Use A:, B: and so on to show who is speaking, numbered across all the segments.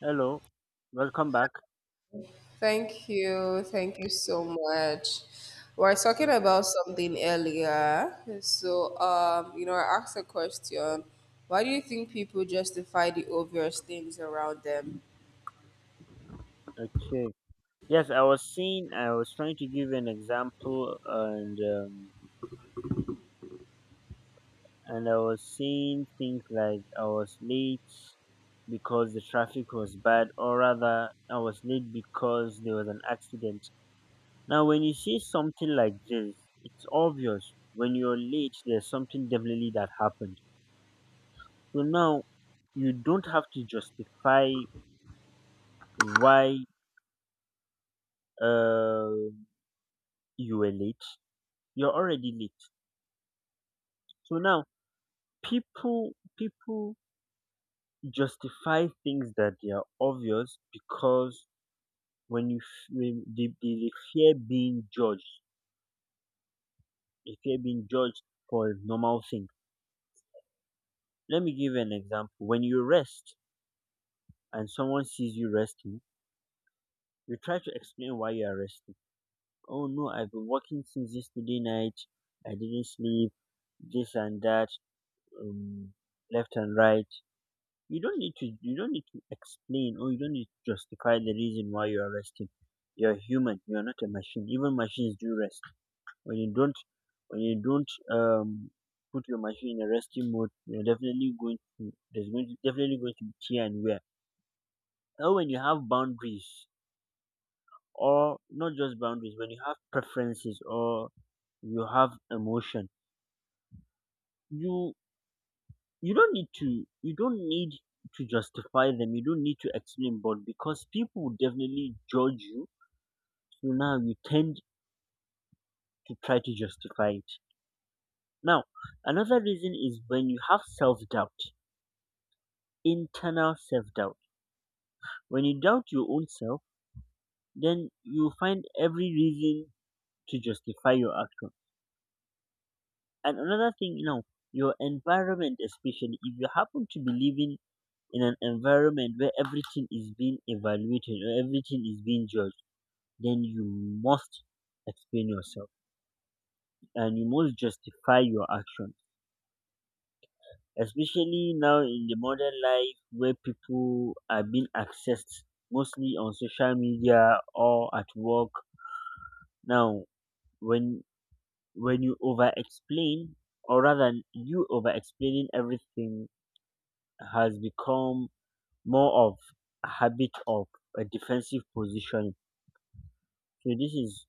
A: Hello, welcome back.
B: Thank you. Thank you so much. We were talking about something earlier. So I asked a question. Why do you think people justify the obvious things around them?
A: Okay. Yes, I was seeing. I was trying to give an example, and I was seeing things like I was late because the traffic was bad, or rather, I was late because there was an accident. Now, when you see something like this, it's obvious when you're late, there's something definitely that happened. So now you don't have to justify why uh, you were late. You're already late. So now people people justify things that they are obvious because when they fear being judged, they fear being judged for a normal thing. Let me give you an example. When you rest and someone sees you resting, you try to explain why you are resting. Oh no, I've been working since yesterday night. I didn't sleep. This and that, um, left and right. You don't need to explain or you don't need to justify the reason why you're resting. You're human, you're not a machine. Even machines do rest. When you don't when you don't um put your machine in a resting mode, you're definitely going to there's going to definitely going to be tear and wear. Or when you have boundaries, or not just boundaries, when you have preferences or you have emotion, you you don't need to you don't need to justify them. You don't need to explain, but because people would definitely judge you, so now you tend to try to justify it. Now, another reason is when you have self-doubt, internal self-doubt. When you doubt your own self, then you find every reason to justify your action. And another thing, you know, your environment, especially if you happen to be living in an environment where everything is being evaluated or everything is being judged, then you must explain yourself, and you must justify your action. Especially now in the modern life where people are being accessed mostly on social media or at work. Now, when when you over explain, or rather, you over explaining everything has become more of a habit of a defensive position. So this is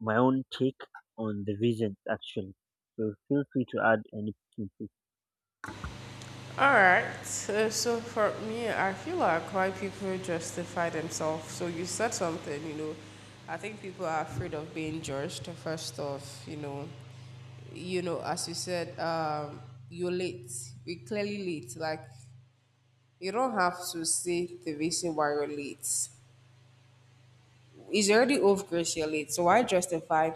A: my own take on the vision actually. So feel free to add anything, to.
B: All right. So for me, I feel like why people justify themselves. So you said something. I think people are afraid of being judged. First off, you know, as you said, you're late. We're clearly late. Like, you don't have to say the reason why you're late. It's already off, you're late. So why justify?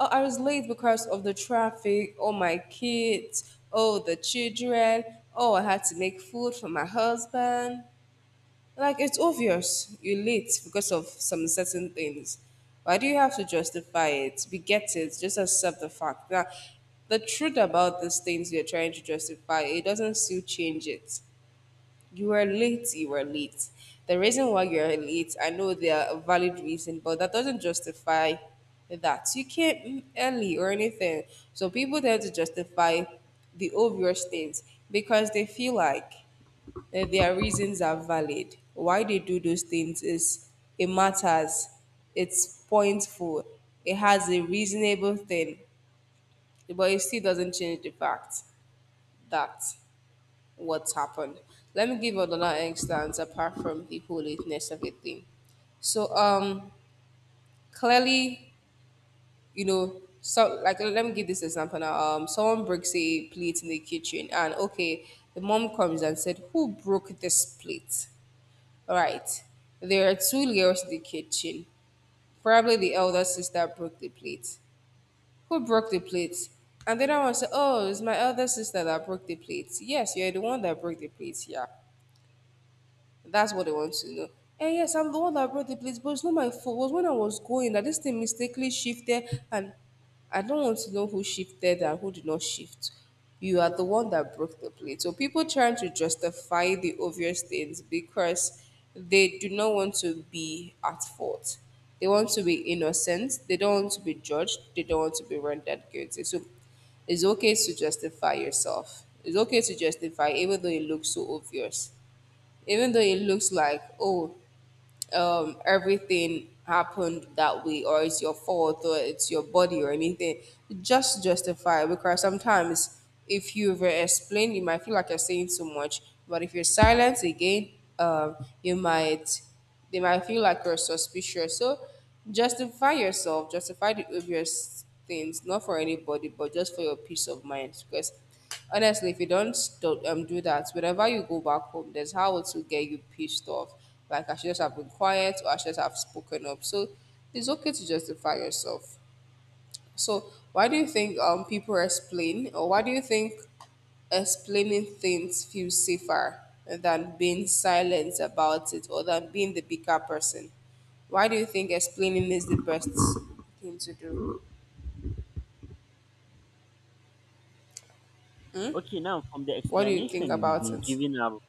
B: Oh, I was late because of the traffic. Oh, my kids. Oh, the children. Oh, I had to make food for my husband. Like, it's obvious you're late because of some certain things. Why do you have to justify it? We get it. Just accept the fact that the truth about these things you're trying to justify, it doesn't still change it. You were late, you were late. The reason why you're late, I know there are valid reasons, but that doesn't justify that. You came early or anything. So people tend to justify the obvious things because they feel like that their reasons are valid. Why they do those things is it matters, it's pointful, it has a reasonable thing, but it still doesn't change the fact that what's happened. Let me give another instance apart from the politeness of everything. So um clearly, so let me give this example now. Someone breaks a plate in the kitchen and okay, the mom comes and said, "Who broke this plate?" All right. There are two girls in the kitchen. Probably the elder sister broke the plate. Who broke the plate? And the other one said, "Oh, it's my elder sister that broke the plate." Yes, you're the one that broke the plate, yeah. That's what they want to know. And yes, I'm the one that brought the plates, but it's not my fault. It was when I was going that this thing mistakenly shifted, and I don't want to know who shifted and who did not shift. You are the one that broke the plate. So people trying to justify the obvious things because they do not want to be at fault. They want to be innocent. They don't want to be judged. They don't want to be rendered guilty. So it's okay to justify yourself. It's okay to justify even though it looks so obvious, even though it looks like, oh, everything happened that way, or it's your fault or it's your body or anything. Just justify it because sometimes if you explain you might feel like you're saying too much, but if you're silent again, um, you might, they might feel like you're suspicious. So justify yourself, justify the obvious things, not for anybody but just for your peace of mind. Because honestly, if you don't do that, whenever you go back home, there's how it will get you pissed off. Like, I should just have been quiet or I should just have spoken up. So, it's okay to justify yourself. So, why do you think people explain, or why do you think explaining things feels safer than being silent about it or than being the bigger person? Why do you think explaining is the best thing to do?
A: Okay, now
B: What do you think about it?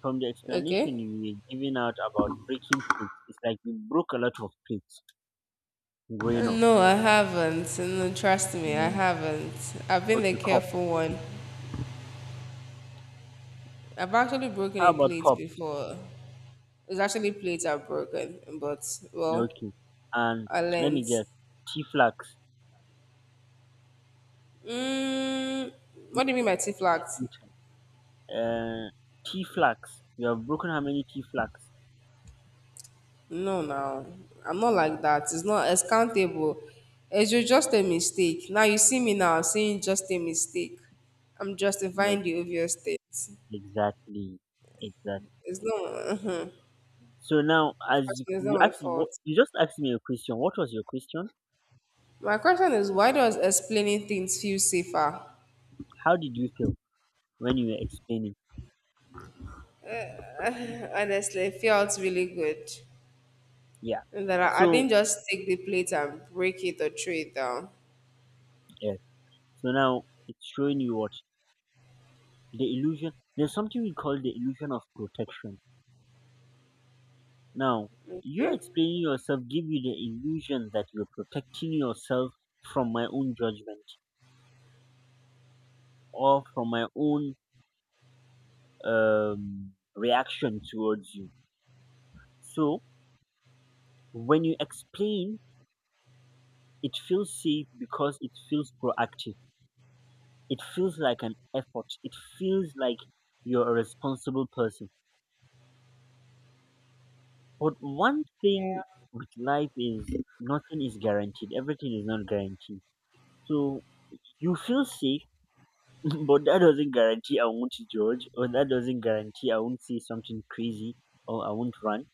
A: from the explanation
B: Okay.
A: you were giving out about breaking plates, it's like you broke a lot of plates growing up.
B: No, I haven't. No, trust me, I
A: Mm,
B: haven't. I've been the
A: okay, cups.
B: careful one. I've actually broken
A: How
B: a
A: about
B: plate
A: cups?
B: before. It's actually plates I've broken, but
A: Yeah,
B: well,
A: okay, and
B: I
A: let
B: learned.
A: me guess, tea flags.
B: Mm, what do you mean by tea flagged?
A: Uh, tea flags. You have broken how many tea flags?
B: No, no, I'm not like that. It's not as countable. It's just a mistake. Now you see me now saying just a mistake. I'm
A: Yes,
B: justifying the obvious things.
A: exactly, exactly.
B: It's not.
A: So now, as
B: Trust
A: you,
B: me, it's not
A: you
B: my
A: asked me,
B: fault.
A: what you just asked me a question. What was your question?
B: My question is, why does explaining things feel safer?
A: How did you feel when you were explaining?
B: Honestly, it felt really good.
A: Yeah.
B: And that I
A: So
B: didn't just take the plate and break it or throw it down.
A: yeah. So now it's showing you what, the illusion. There's something we call the illusion of protection. Now, you
B: Okay.
A: explaining yourself give you the illusion that you're protecting yourself from my own judgment or from my own reaction towards you. So when you explain, it feels safe because it feels proactive. It feels like an effort. It feels like you're a responsible person. But one
B: Yeah.
A: thing with life is nothing is guaranteed. Everything is not guaranteed. So you feel sick, but that doesn't guarantee I won't judge, or that doesn't guarantee I won't say something crazy, or I won't rant,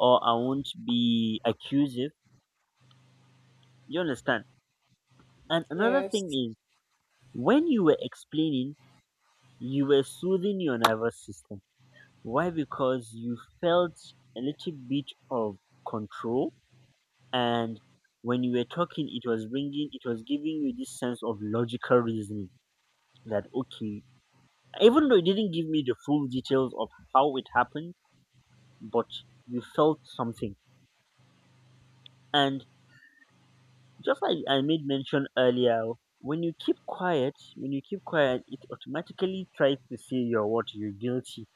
A: or I won't be accusive. You understand? And another thing
B: Yes.
A: is, when you were explaining, you were soothing your nervous system. Why? Because you felt a little bit of control, and when you were talking, it was giving you this sense of logical reasoning that okay, even though it didn't give me the full details of how it happened, but you felt something. And just like I made mention earlier, when you keep quiet, it automatically tries to say you're what, you're guilty,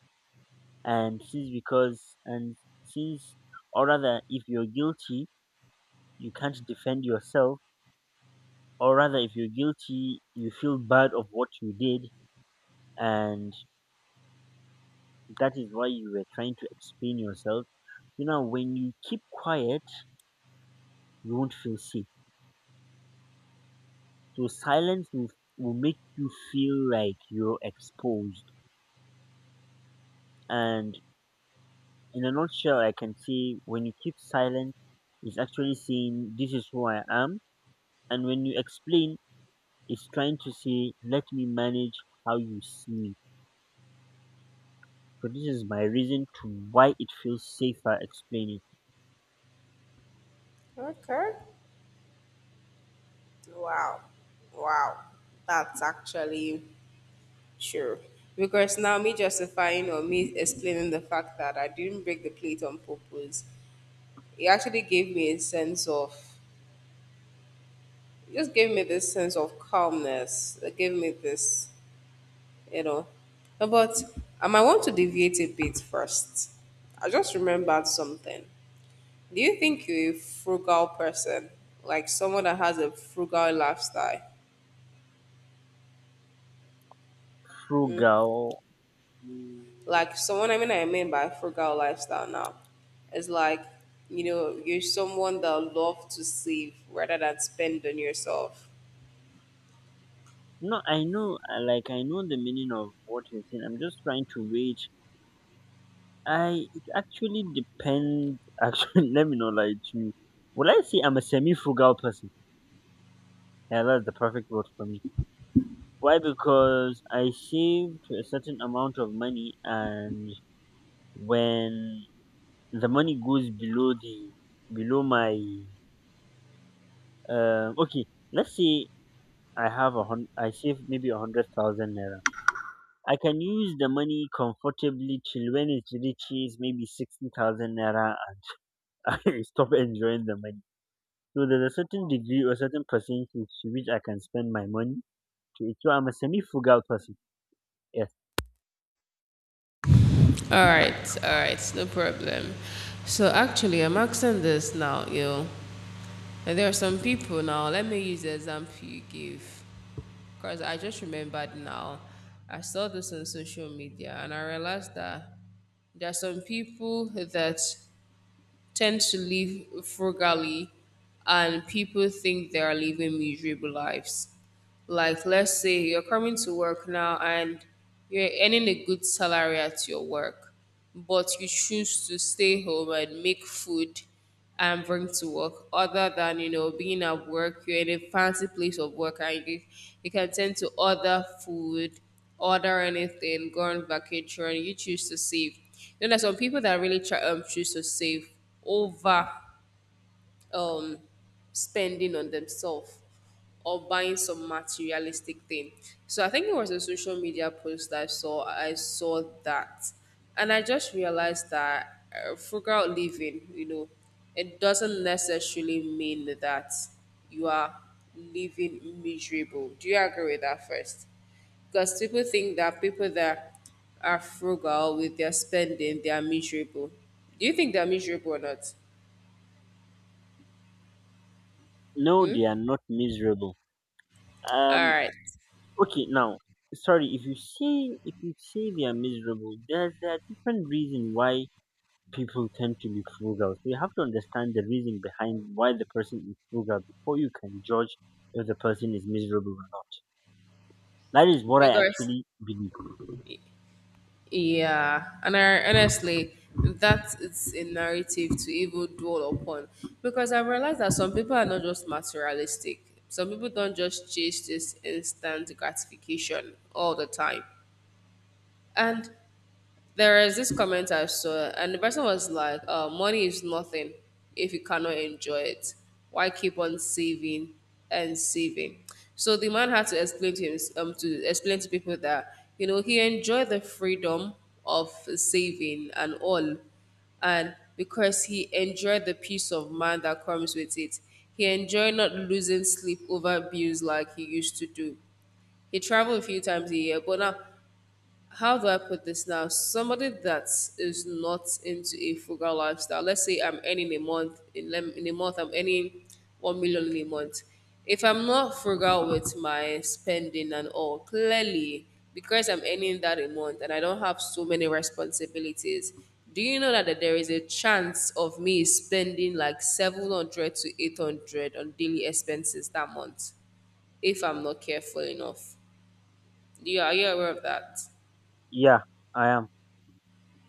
A: and since because and since, or rather, if you're guilty, you can't defend yourself, or rather, if you're guilty, you feel bad of what you did, and that is why you were trying to explain yourself. You know, when you keep quiet, you won't feel safe. So silence will make you feel like you're exposed. And in a nutshell, I can say, when you keep silent, it's actually saying, this is who I am. And when you explain, it's trying to say, let me manage how you see me. So this is my reason to why it feels safer explaining.
B: Okay. Wow. Wow. That's actually true. Because now me justifying or me explaining the fact that I didn't break the plate on purpose, it actually gave me a sense of, it just gave me this sense of calmness. It gave me this you know. But I want to deviate a bit first. I just remembered something. Do you think you're a frugal person, like someone that has a frugal lifestyle?
A: Frugal.
B: Like someone, I mean by frugal lifestyle now, is like, you know, you're someone that love to save rather than spend on yourself.
A: No, I know, like I know the meaning of what you're saying. I'm just trying to wage. I it actually depends. Actually, let me not lie to you. Well, I say I'm a semi-frugal person. Yeah, that's the perfect word for me. Why? Because I save to a certain amount of money, and when the money goes below my okay, let's say I save maybe 100,000 naira. I can use the money comfortably till when it reaches maybe 60,000 naira. I stop enjoying the money. So there's a certain degree or certain percentage to which I can spend my money. To it. So I'm a semi-frugal person. Yes.
B: All right, all right, no problem. So actually, I'm asking this now, you know, and there are some people now. Let me use the example you give. Because I just remembered now, I saw this on social media and I realized that there are some people that tend to live frugally and people think they are living miserable lives. Like, let's say you're coming to work now and you're earning a good salary at your work, but you choose to stay home and make food and bring to work other than, you know, being at work you're in a fancy place of work and you can tend to order food, order anything, go on vacation. You choose to save. Then there's some people that really try choose to save over um spending on themselves or buying some materialistic thing. So I think it was a social media post that I saw. I saw that, and I just realized that frugal living, you know, it doesn't necessarily mean that you are living miserable. Do you agree with that first? Because people think that people that are frugal with their spending, they are miserable. Do you think they're miserable or not?
A: No, they are not miserable.
B: All
A: Um.
B: right,
A: Okay. Now, sorry. If you say they are miserable, there are different reason why people tend to be frugal. So you have to understand the reason behind why the person is frugal before you can judge if the person is miserable or not. That is what I
B: because
A: actually believe.
B: yeah, and I, honestly, that is a narrative to even dwell upon because I realized that some people are not just materialistic. Some people don't just chase this instant gratification all the time. And there is this comment I saw, and the person was like, "Money is nothing if you cannot enjoy it. Why keep on saving and saving?" So the man had to explain to him, to explain to people that, you know, he enjoyed the freedom of saving and all, and because he enjoyed the peace of mind that comes with it, he enjoyed not losing sleep over bills like he used to do. He traveled a few times a year, but now how do I put this now? Somebody that is not into a frugal lifestyle. Let's say I'm earning a month in a month I'm earning 1,000,000 in a month. If I'm not frugal with my spending and all, clearly because I'm earning that a month and I don't have so many responsibilities. Do you know that there is a chance of me spending like 700 to 800 on daily expenses that month if I'm not careful enough? Do you Are you aware of that?
A: Yeah, I am.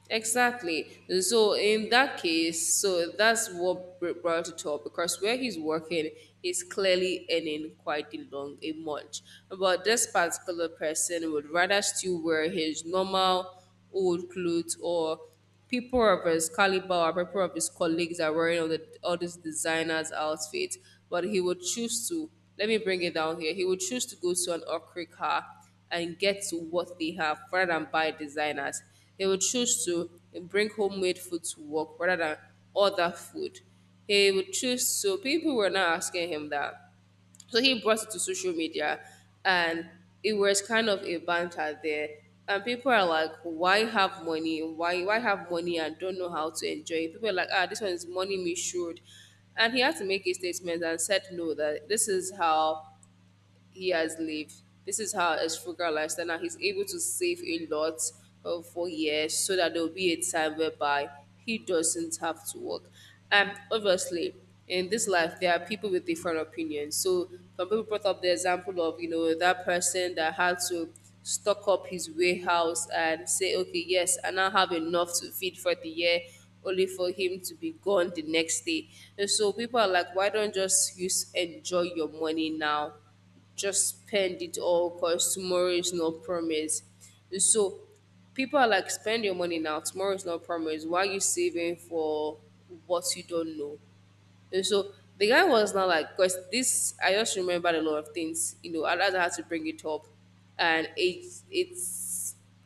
B: Exactly. So in that case, so that's what brought it up because where he's working, he's clearly earning quite a long a month. But this particular person would rather still wear his normal old clothes, or people of his caliber or people of his colleagues are wearing all, all these designers outfits, but he would choose to, let me bring it down here, he would choose to go to an ocre car and get to what they have rather than buy designers. He would choose to bring homemade food to work rather than other food. He would choose, so people were not asking him that, so he brought it to social media, and it was kind of a banter there. And people are like, why have money? Why have money and don't know how to enjoy it? People are like, ah, this one is money me should. And he had to make a statement and said, no, that this is how he has lived. This is how his frugal lifestyle. Now he's able to save a lot for years so that there will be a time whereby he doesn't have to work. And obviously, in this life, there are people with different opinions. So some people brought up the example of, you know, that person that had to stock up his warehouse and say, okay, yes, I now have enough to feed for the year, only for him to be gone the next day. And so people are like, why don't just use enjoy your money now? Just spend it all because tomorrow is not promised. So people are like, spend your money now, tomorrow is not promised. Why are you saving for what you don't know? And so the guy was not like, because this, I just remembered a lot of things, you know, and I had to bring it up. And it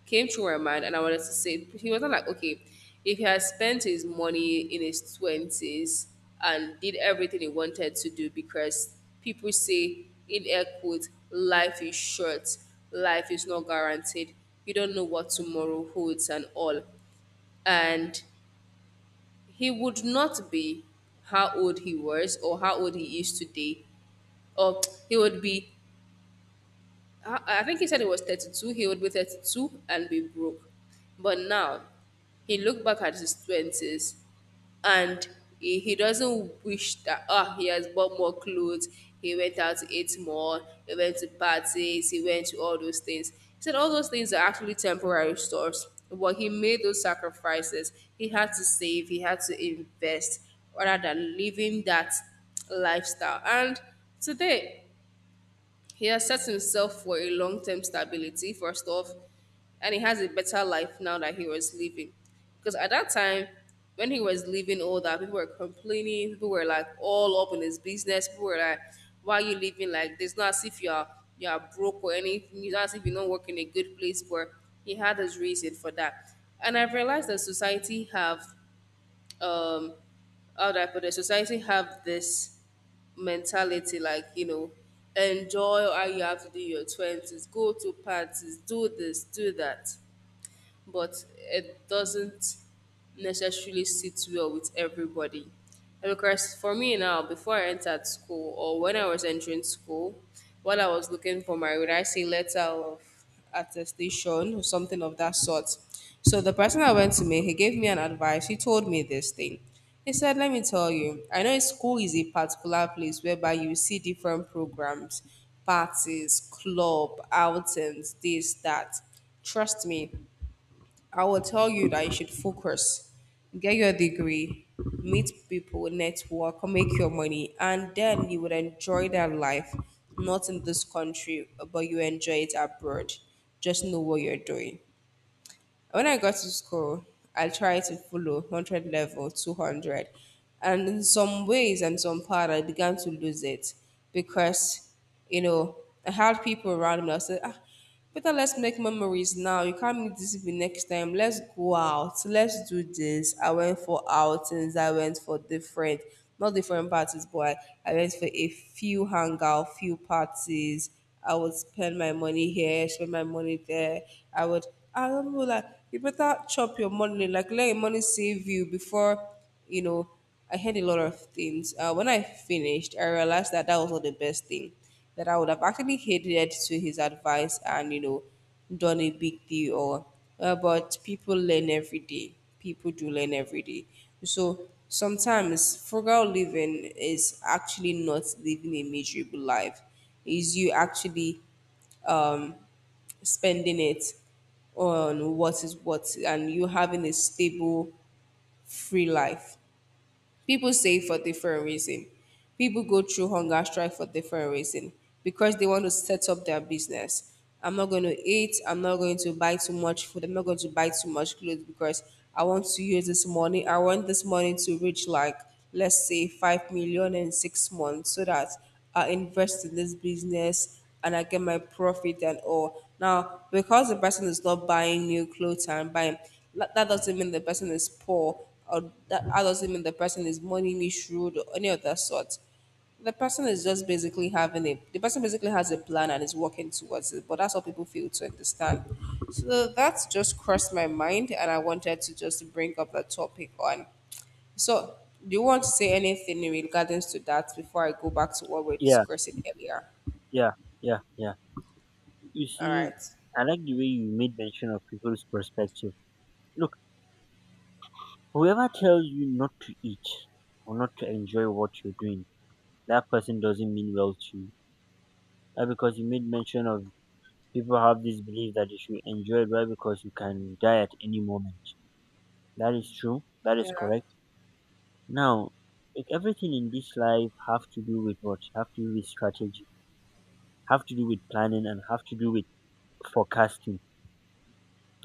B: came through my mind, and I wanted to say, he was not like, okay, if he had spent his money in his 20s and did everything he wanted to do, because people say, in air quotes, life is short, life is not guaranteed, you don't know what tomorrow holds, and all. And he would not be how old he was or how old he is today. Or he would be I think he said it was 32. He would be 32 and be broke. But now, he looked back at his 20s and he doesn't wish that, he has bought more clothes. He went out to eat more. He went to parties. He went to all those things. He said all those things are actually temporary stores. But he made those sacrifices. He had to save. He had to invest rather than living that lifestyle. And today, he has set himself for a long term stability, first off, and he has a better life now that he was living. Because at that time, when he was leaving all that, people were complaining, people were like all up in his business, people were like, why are you living like this? Not as if you're broke or anything, it's not as if you don't work in a good place, but he had his reason for that. And I've realized that society have um how do I put it? Society have this mentality like, you know, enjoy how you have to do in your twenties, go to parties, do this, do that, but it doesn't necessarily sit well with everybody. And because for me now, before I entered school or when I was entering school, what I was looking for my would I say letter of attestation or something of that sort. So the person I went to me, he gave me an advice. He told me this thing. He said, let me tell you, I know school is a particular place whereby you see different programs, parties, club, outings, this, that. Trust me, I will tell you that you should focus, get your degree, meet people, network, make your money, and then you would enjoy that life, not in this country, but you enjoy it abroad. Just know what you're doing. When I got to school, I tried to follow 100 level, 200. And in some ways and some part, I began to lose it because, you know, I had people around me I said, ah, better let's make memories now. You can't meet this people next time. Let's go out. Let's do this. I went for outings. I went for different, not different parties, but I went for a few hangout, few parties. I would spend my money here, spend my money there. I would I don't know, like you better chop your money, like let your money save you before, you know. I heard a lot of things. When I finished, I realized that that was not the best thing. That I would have actually heeded to his advice and you know, done a big deal. Or, but people learn every day. People do learn every day. So sometimes frugal living is actually not living a miserable life. Is you actually um, spending it on what is what and you having a stable, free life. People save for different reason. People go through hunger strike for different reason because they want to set up their business. I'm not going to eat. I'm not going to buy too much food. I'm not going to buy too much clothes because I want to use this money. I want this money to reach like, let's say, 5 million in 6 months so that I invest in this business and I get my profit and all. Now, because the person is not buying new clothes and buying, that doesn't mean the person is poor or that doesn't mean the person is money misruled or any of that sort. The person is just basically having a, the person basically has a plan and is working towards it, but that's what people fail to understand. So that's just crossed my mind and I wanted to just bring up the topic on. So, do you want to say anything in regards to that before I go back to what we are
A: Yeah,
B: discussing earlier?
A: yeah, yeah, yeah. You
B: All
A: see,
B: right.
A: I like the way you made mention of people's perspective. Look, whoever tells you not to eat or not to enjoy what you're doing, that person doesn't mean well to you. That, because you made mention of, people have this belief that you should enjoy it well because you can die at any moment. That is true. That is
B: Yeah.
A: correct. Now, like everything in this life have to do with what? Have to do with strategy, have to do with planning, and have to do with forecasting.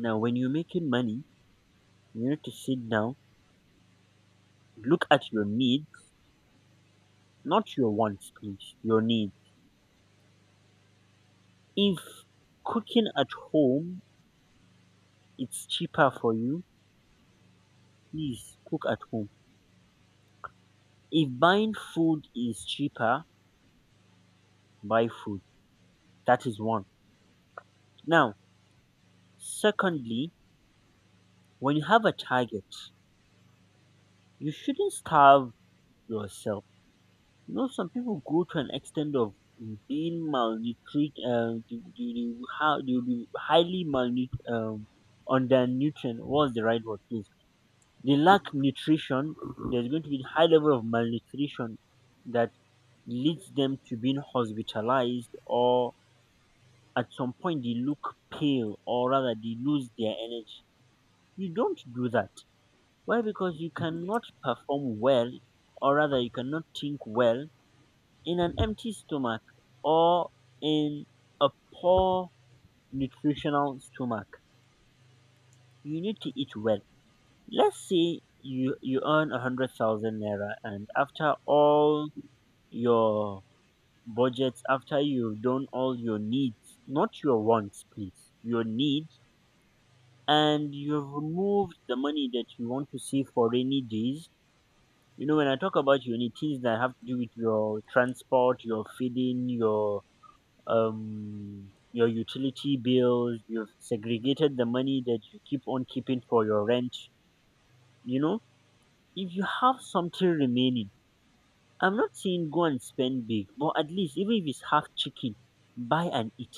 A: Now, when you're making money, you need to sit down, look at your needs, not your wants, please. Your needs. If cooking at home it's cheaper for you, please cook at home. If buying food is cheaper, buy food. That is one. Now, secondly, when you have a target. You shouldn't starve yourself. You know, some people go to an extent of being malnutrit. They will be highly malnut undernutrient. What's the right word, please? They lack nutrition. There's going to be high level of malnutrition that leads them to being hospitalized, or at some point they look pale, or rather they lose their energy. You don't do that. Why? Because you cannot perform well, or rather, you cannot think well in an empty stomach or in a poor nutritional stomach. You need to eat well. Let's say you earn 100,000 naira, and after all your budgets, after you've done all your needs, not your wants, please, your needs, and you've removed the money that you want to save for rainy days. You know, when I talk about your need, things that have to do with your transport, your feeding, your utility bills, you've segregated the money that you keep on keeping for your rent. You know, if you have something remaining, I'm not saying go and spend big, but at least even if it's half chicken, buy and eat.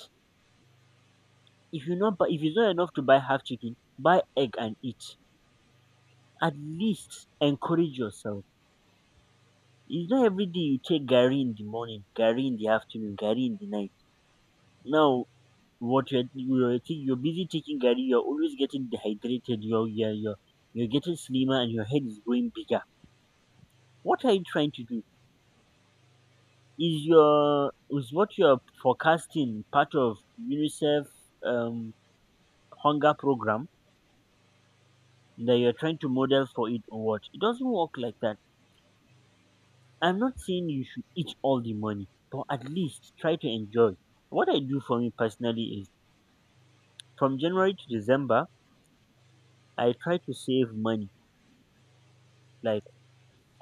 A: If you not buy, if it's not enough to buy half chicken, buy egg and eat. At least encourage yourself. It's not every day you take Gary in the morning, Gary in the afternoon, Gary in the night. Now, what you're busy taking garri, you're always getting dehydrated. You're getting slimmer, and your head is growing bigger. What are you trying to do? Is what you're forecasting part of UNICEF um, hunger program that you're trying to model for it or what? It doesn't work like that. I'm not saying you should eat all the money, but at least try to enjoy. What I do for me personally is from January to December, I try to save money. Like,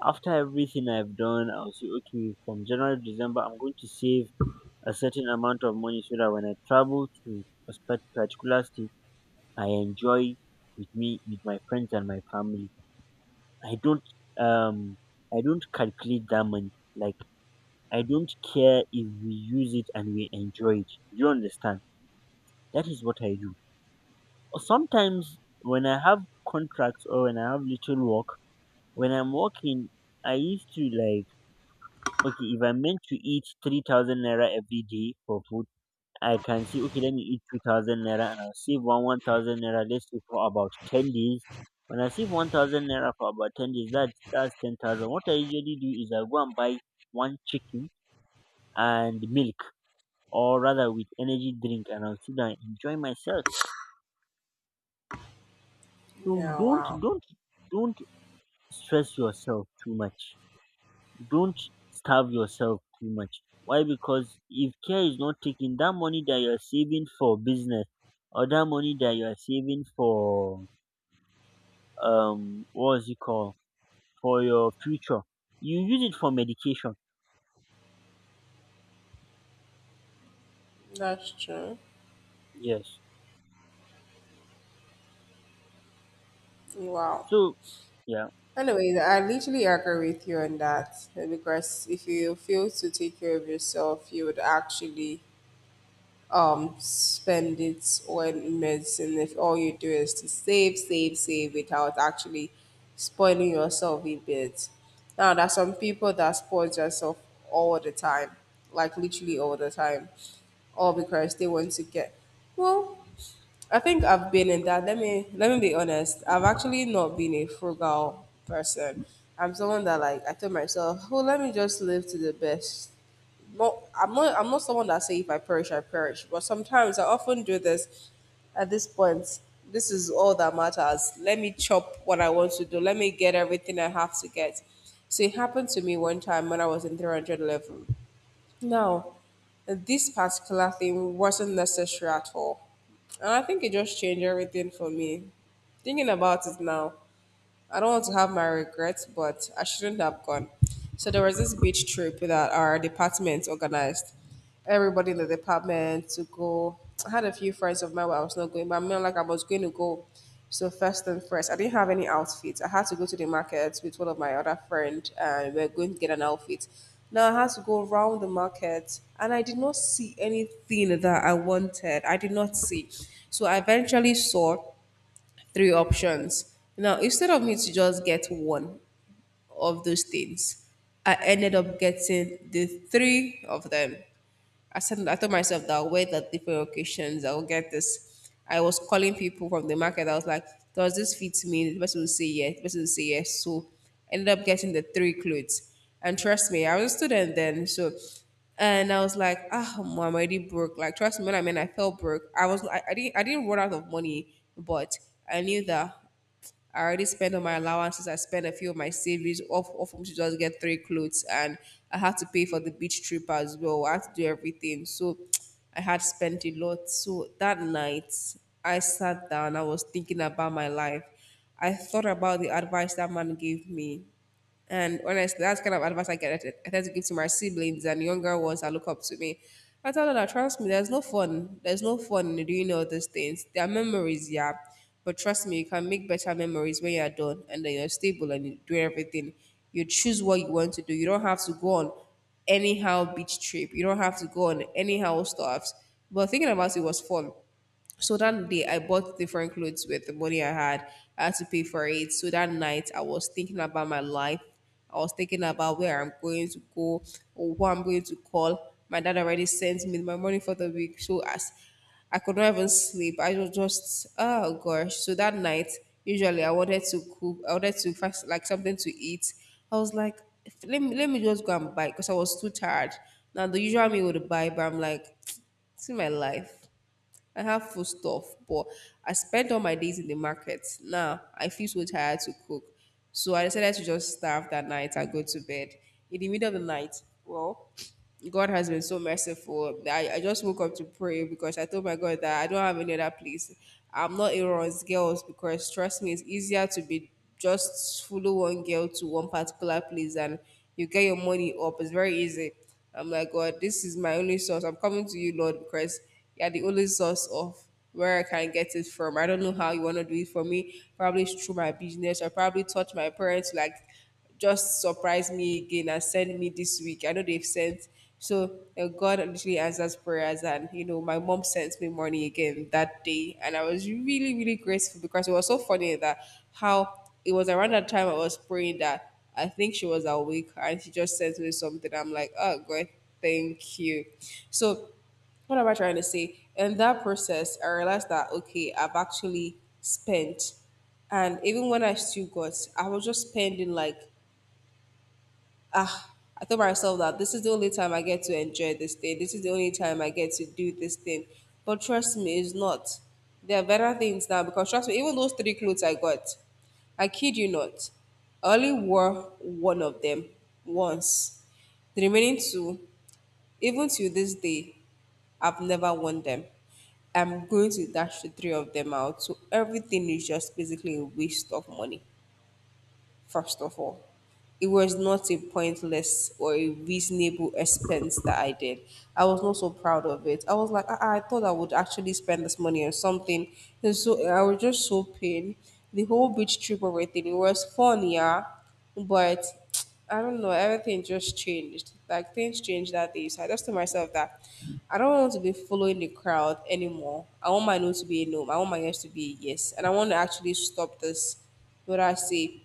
A: after everything I've done, I'll say, okay, from January to December, I'm going to save a certain amount of money so that when I travel to a particular state, I enjoy with me, with my friends and my family. I don't, um, I don't calculate that money. Like, I don't care if we use it and we enjoy it. You understand? That is what I do. Or sometimes when I have contracts or when I have little work, when I'm working, I used to like. Okay, if I'm meant to eat 3,000 naira every day for food, I can say, okay, let me eat 2,000 naira and I'll save one 1,000 naira, let's say for about 10 days. When I save 1,000 naira for about 10 days, that's 10,000. What I usually do is I go and buy one chicken and milk, or rather with energy drink, and I'll sit down and enjoy myself. So
B: Yeah.
A: don't,
B: Wow.
A: don't, don't stress yourself too much. Don't starve yourself too much. Why? Because if care is not taken, that money that you're saving for business or that money that you're saving for what's it called, for your future, you use it for medication.
B: That's true.
A: Yes.
B: Wow.
A: So yeah,
B: Anyway, I literally agree with you on that, because if you fail to take care of yourself, you would actually spend it on medicine if all you do is to save save save without actually spoiling yourself a bit. Now there's some people that spoil themselves all the time, like literally all the time, all because they want to get well. I think I've been in that. Let me be honest, I've actually not been a frugal person. I'm someone that, like I told myself, well let me just live to the best, but I'm not someone that say if I perish, I perish. But sometimes I often do this at this point. This is all that matters. Let me chop what I want to do. Let me get everything I have to get. So it happened to me one time when I was in 300 level. Now, this particular thing wasn't necessary at all. And I think it just changed everything for me. Thinking about it now, I don't want to have my regrets, but I shouldn't have gone. So there was this beach trip that our department organized. Everybody in the department to go. I had a few friends of mine where I was not going, but I mean, like I was going to go. So first and first, I didn't have any outfits. I had to go to the market with one of my other friend, and we are going to get an outfit. Now I had to go around the market, and I did not see anything that I wanted. I did not see. So I eventually saw three options. Now, instead of me to just get one of those things, I ended up getting the three of them. I said I told myself that I'll wear it at different occasions, I'll get this. I was calling people from the market. I was like, does this fit me? The person will say yes. The person will say yes. So I ended up getting the three clothes. And trust me, I was a student then. So and I was like, ah, oh, I'm already broke. Like, trust me, when I mean I felt broke, I was I didn't I didn't run out of money, but I knew that I already spent on my allowances. I spent a few of my savings, off to just get three clothes, and I had to pay for the beach trip as well. I had to do everything, so I had spent a lot. So that night, I sat down. I was thinking about my life. I thought about the advice that man gave me. And honestly, that's kind of advice I get. I tend to give to my siblings and younger ones that look up to me. I tell them that trust me, there's no fun. There's no fun in doing all those things. There are memories, yeah, but trust me, you can make better memories when you're done and then you're stable and you do everything. You choose what you want to do. You don't have to go on anyhow beach trip. You don't have to go on anyhow stuffs. But thinking about it was fun. So that day, I bought different clothes with the money I had. I had to pay for it. So that night, I was thinking about my life. I was thinking about where I'm going to go or who I'm going to call. My dad already sent me my money for the week. So as I could not even sleep, I was just, oh gosh. So that night, usually I wanted to cook, I wanted to fast, like something to eat. I was like, "If- let me just go and buy because I was too tired. Now, the usual me would buy, but I'm like, see my life. I have food stuff, but I spent all my days in the market. Now I feel so tired to cook. So I decided to just starve that night and go to bed. In the middle of the night, well, God has been so merciful. I just woke up to pray because I told my God that I don't have any other place. I'm not a Aaron's girls because trust me, it's easier to be just follow one girl to one particular place and you get your money up. It's very easy. I'm like, God, this is my only source. I'm coming to you, Lord, because yeah, the only source of where I can get it from. I don't know how you want to do it for me. Probably it's through my business. I probably taught my parents like just surprise me again and send me this week. I know they've sent. So God literally answers prayers, and my mom sent me money again that day, and I was really grateful because it was so funny that how it was around that time I was praying that I think she was awake and she just sent me something. I'm like, oh God, thank you. So what am I trying to say? In that process, I realized that okay, I've actually spent, and even when I still got, I was just spending like ah. I told myself that this is the only time I get to enjoy this thing. This is the only time I get to do this thing. But trust me, it's not. There are better things now because trust me, even those three clothes I got, I kid you not, I only wore one of them once. The remaining two, even to this day, I've never won them. I'm going to dash the three of them out. So everything is just basically a waste of money, first of all. It was not a pointless or a reasonable expense that I did. I was not so proud of it. I was like, "Ah, ah, I thought I would actually spend this money on something." And so I was just so pained. The whole beach trip, everything, it was fun, yeah. But I don't know, everything just changed. Like things changed that day. So I just told myself that I don't want to be following the crowd anymore. I want my no to be a no. I want my yes to be a yes. And I want to actually stop this, what I say,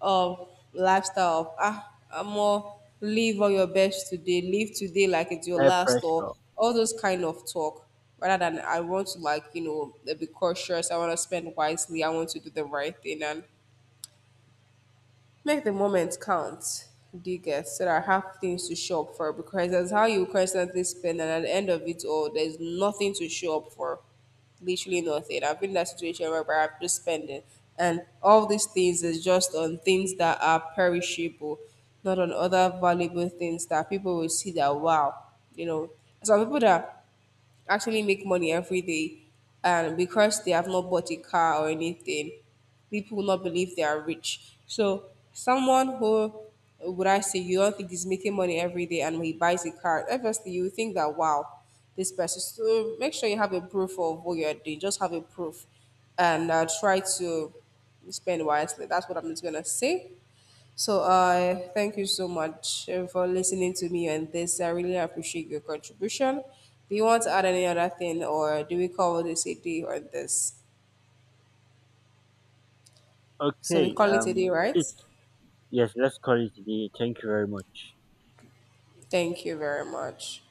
B: of lifestyle of I'm more live all your best today, live today like it's your
A: peer
B: last, or
A: pressure.
B: all those kind of talk. Rather than, I want to like, be cautious, I want to spend wisely, I want to do the right thing and make the moment count, digger, so that I have things to show up for, because that's how you constantly spend and at the end of it all there's nothing to show up for. Literally nothing. I've been in that situation where I've just spending, and all these things is just on things that are perishable, not on other valuable things that people will see that wow, you know. Some people that actually make money every day. And because they have not bought a car or anything, people will not believe they are rich. So someone who, would I say, you don't think is making money every day and he buys a car, obviously you think that wow, this person. So make sure you have a proof of what you're doing. Just have a proof, and try to spend wisely. That's what I'm just gonna say. So I thank you so much, for listening to me on this. I really appreciate your contribution. Do you want to add any other thing or do we call this a day on this? So we
A: Okay.
B: call it a day, right?
A: Yes. Let's call it today. Thank you very much.
B: Thank you very much.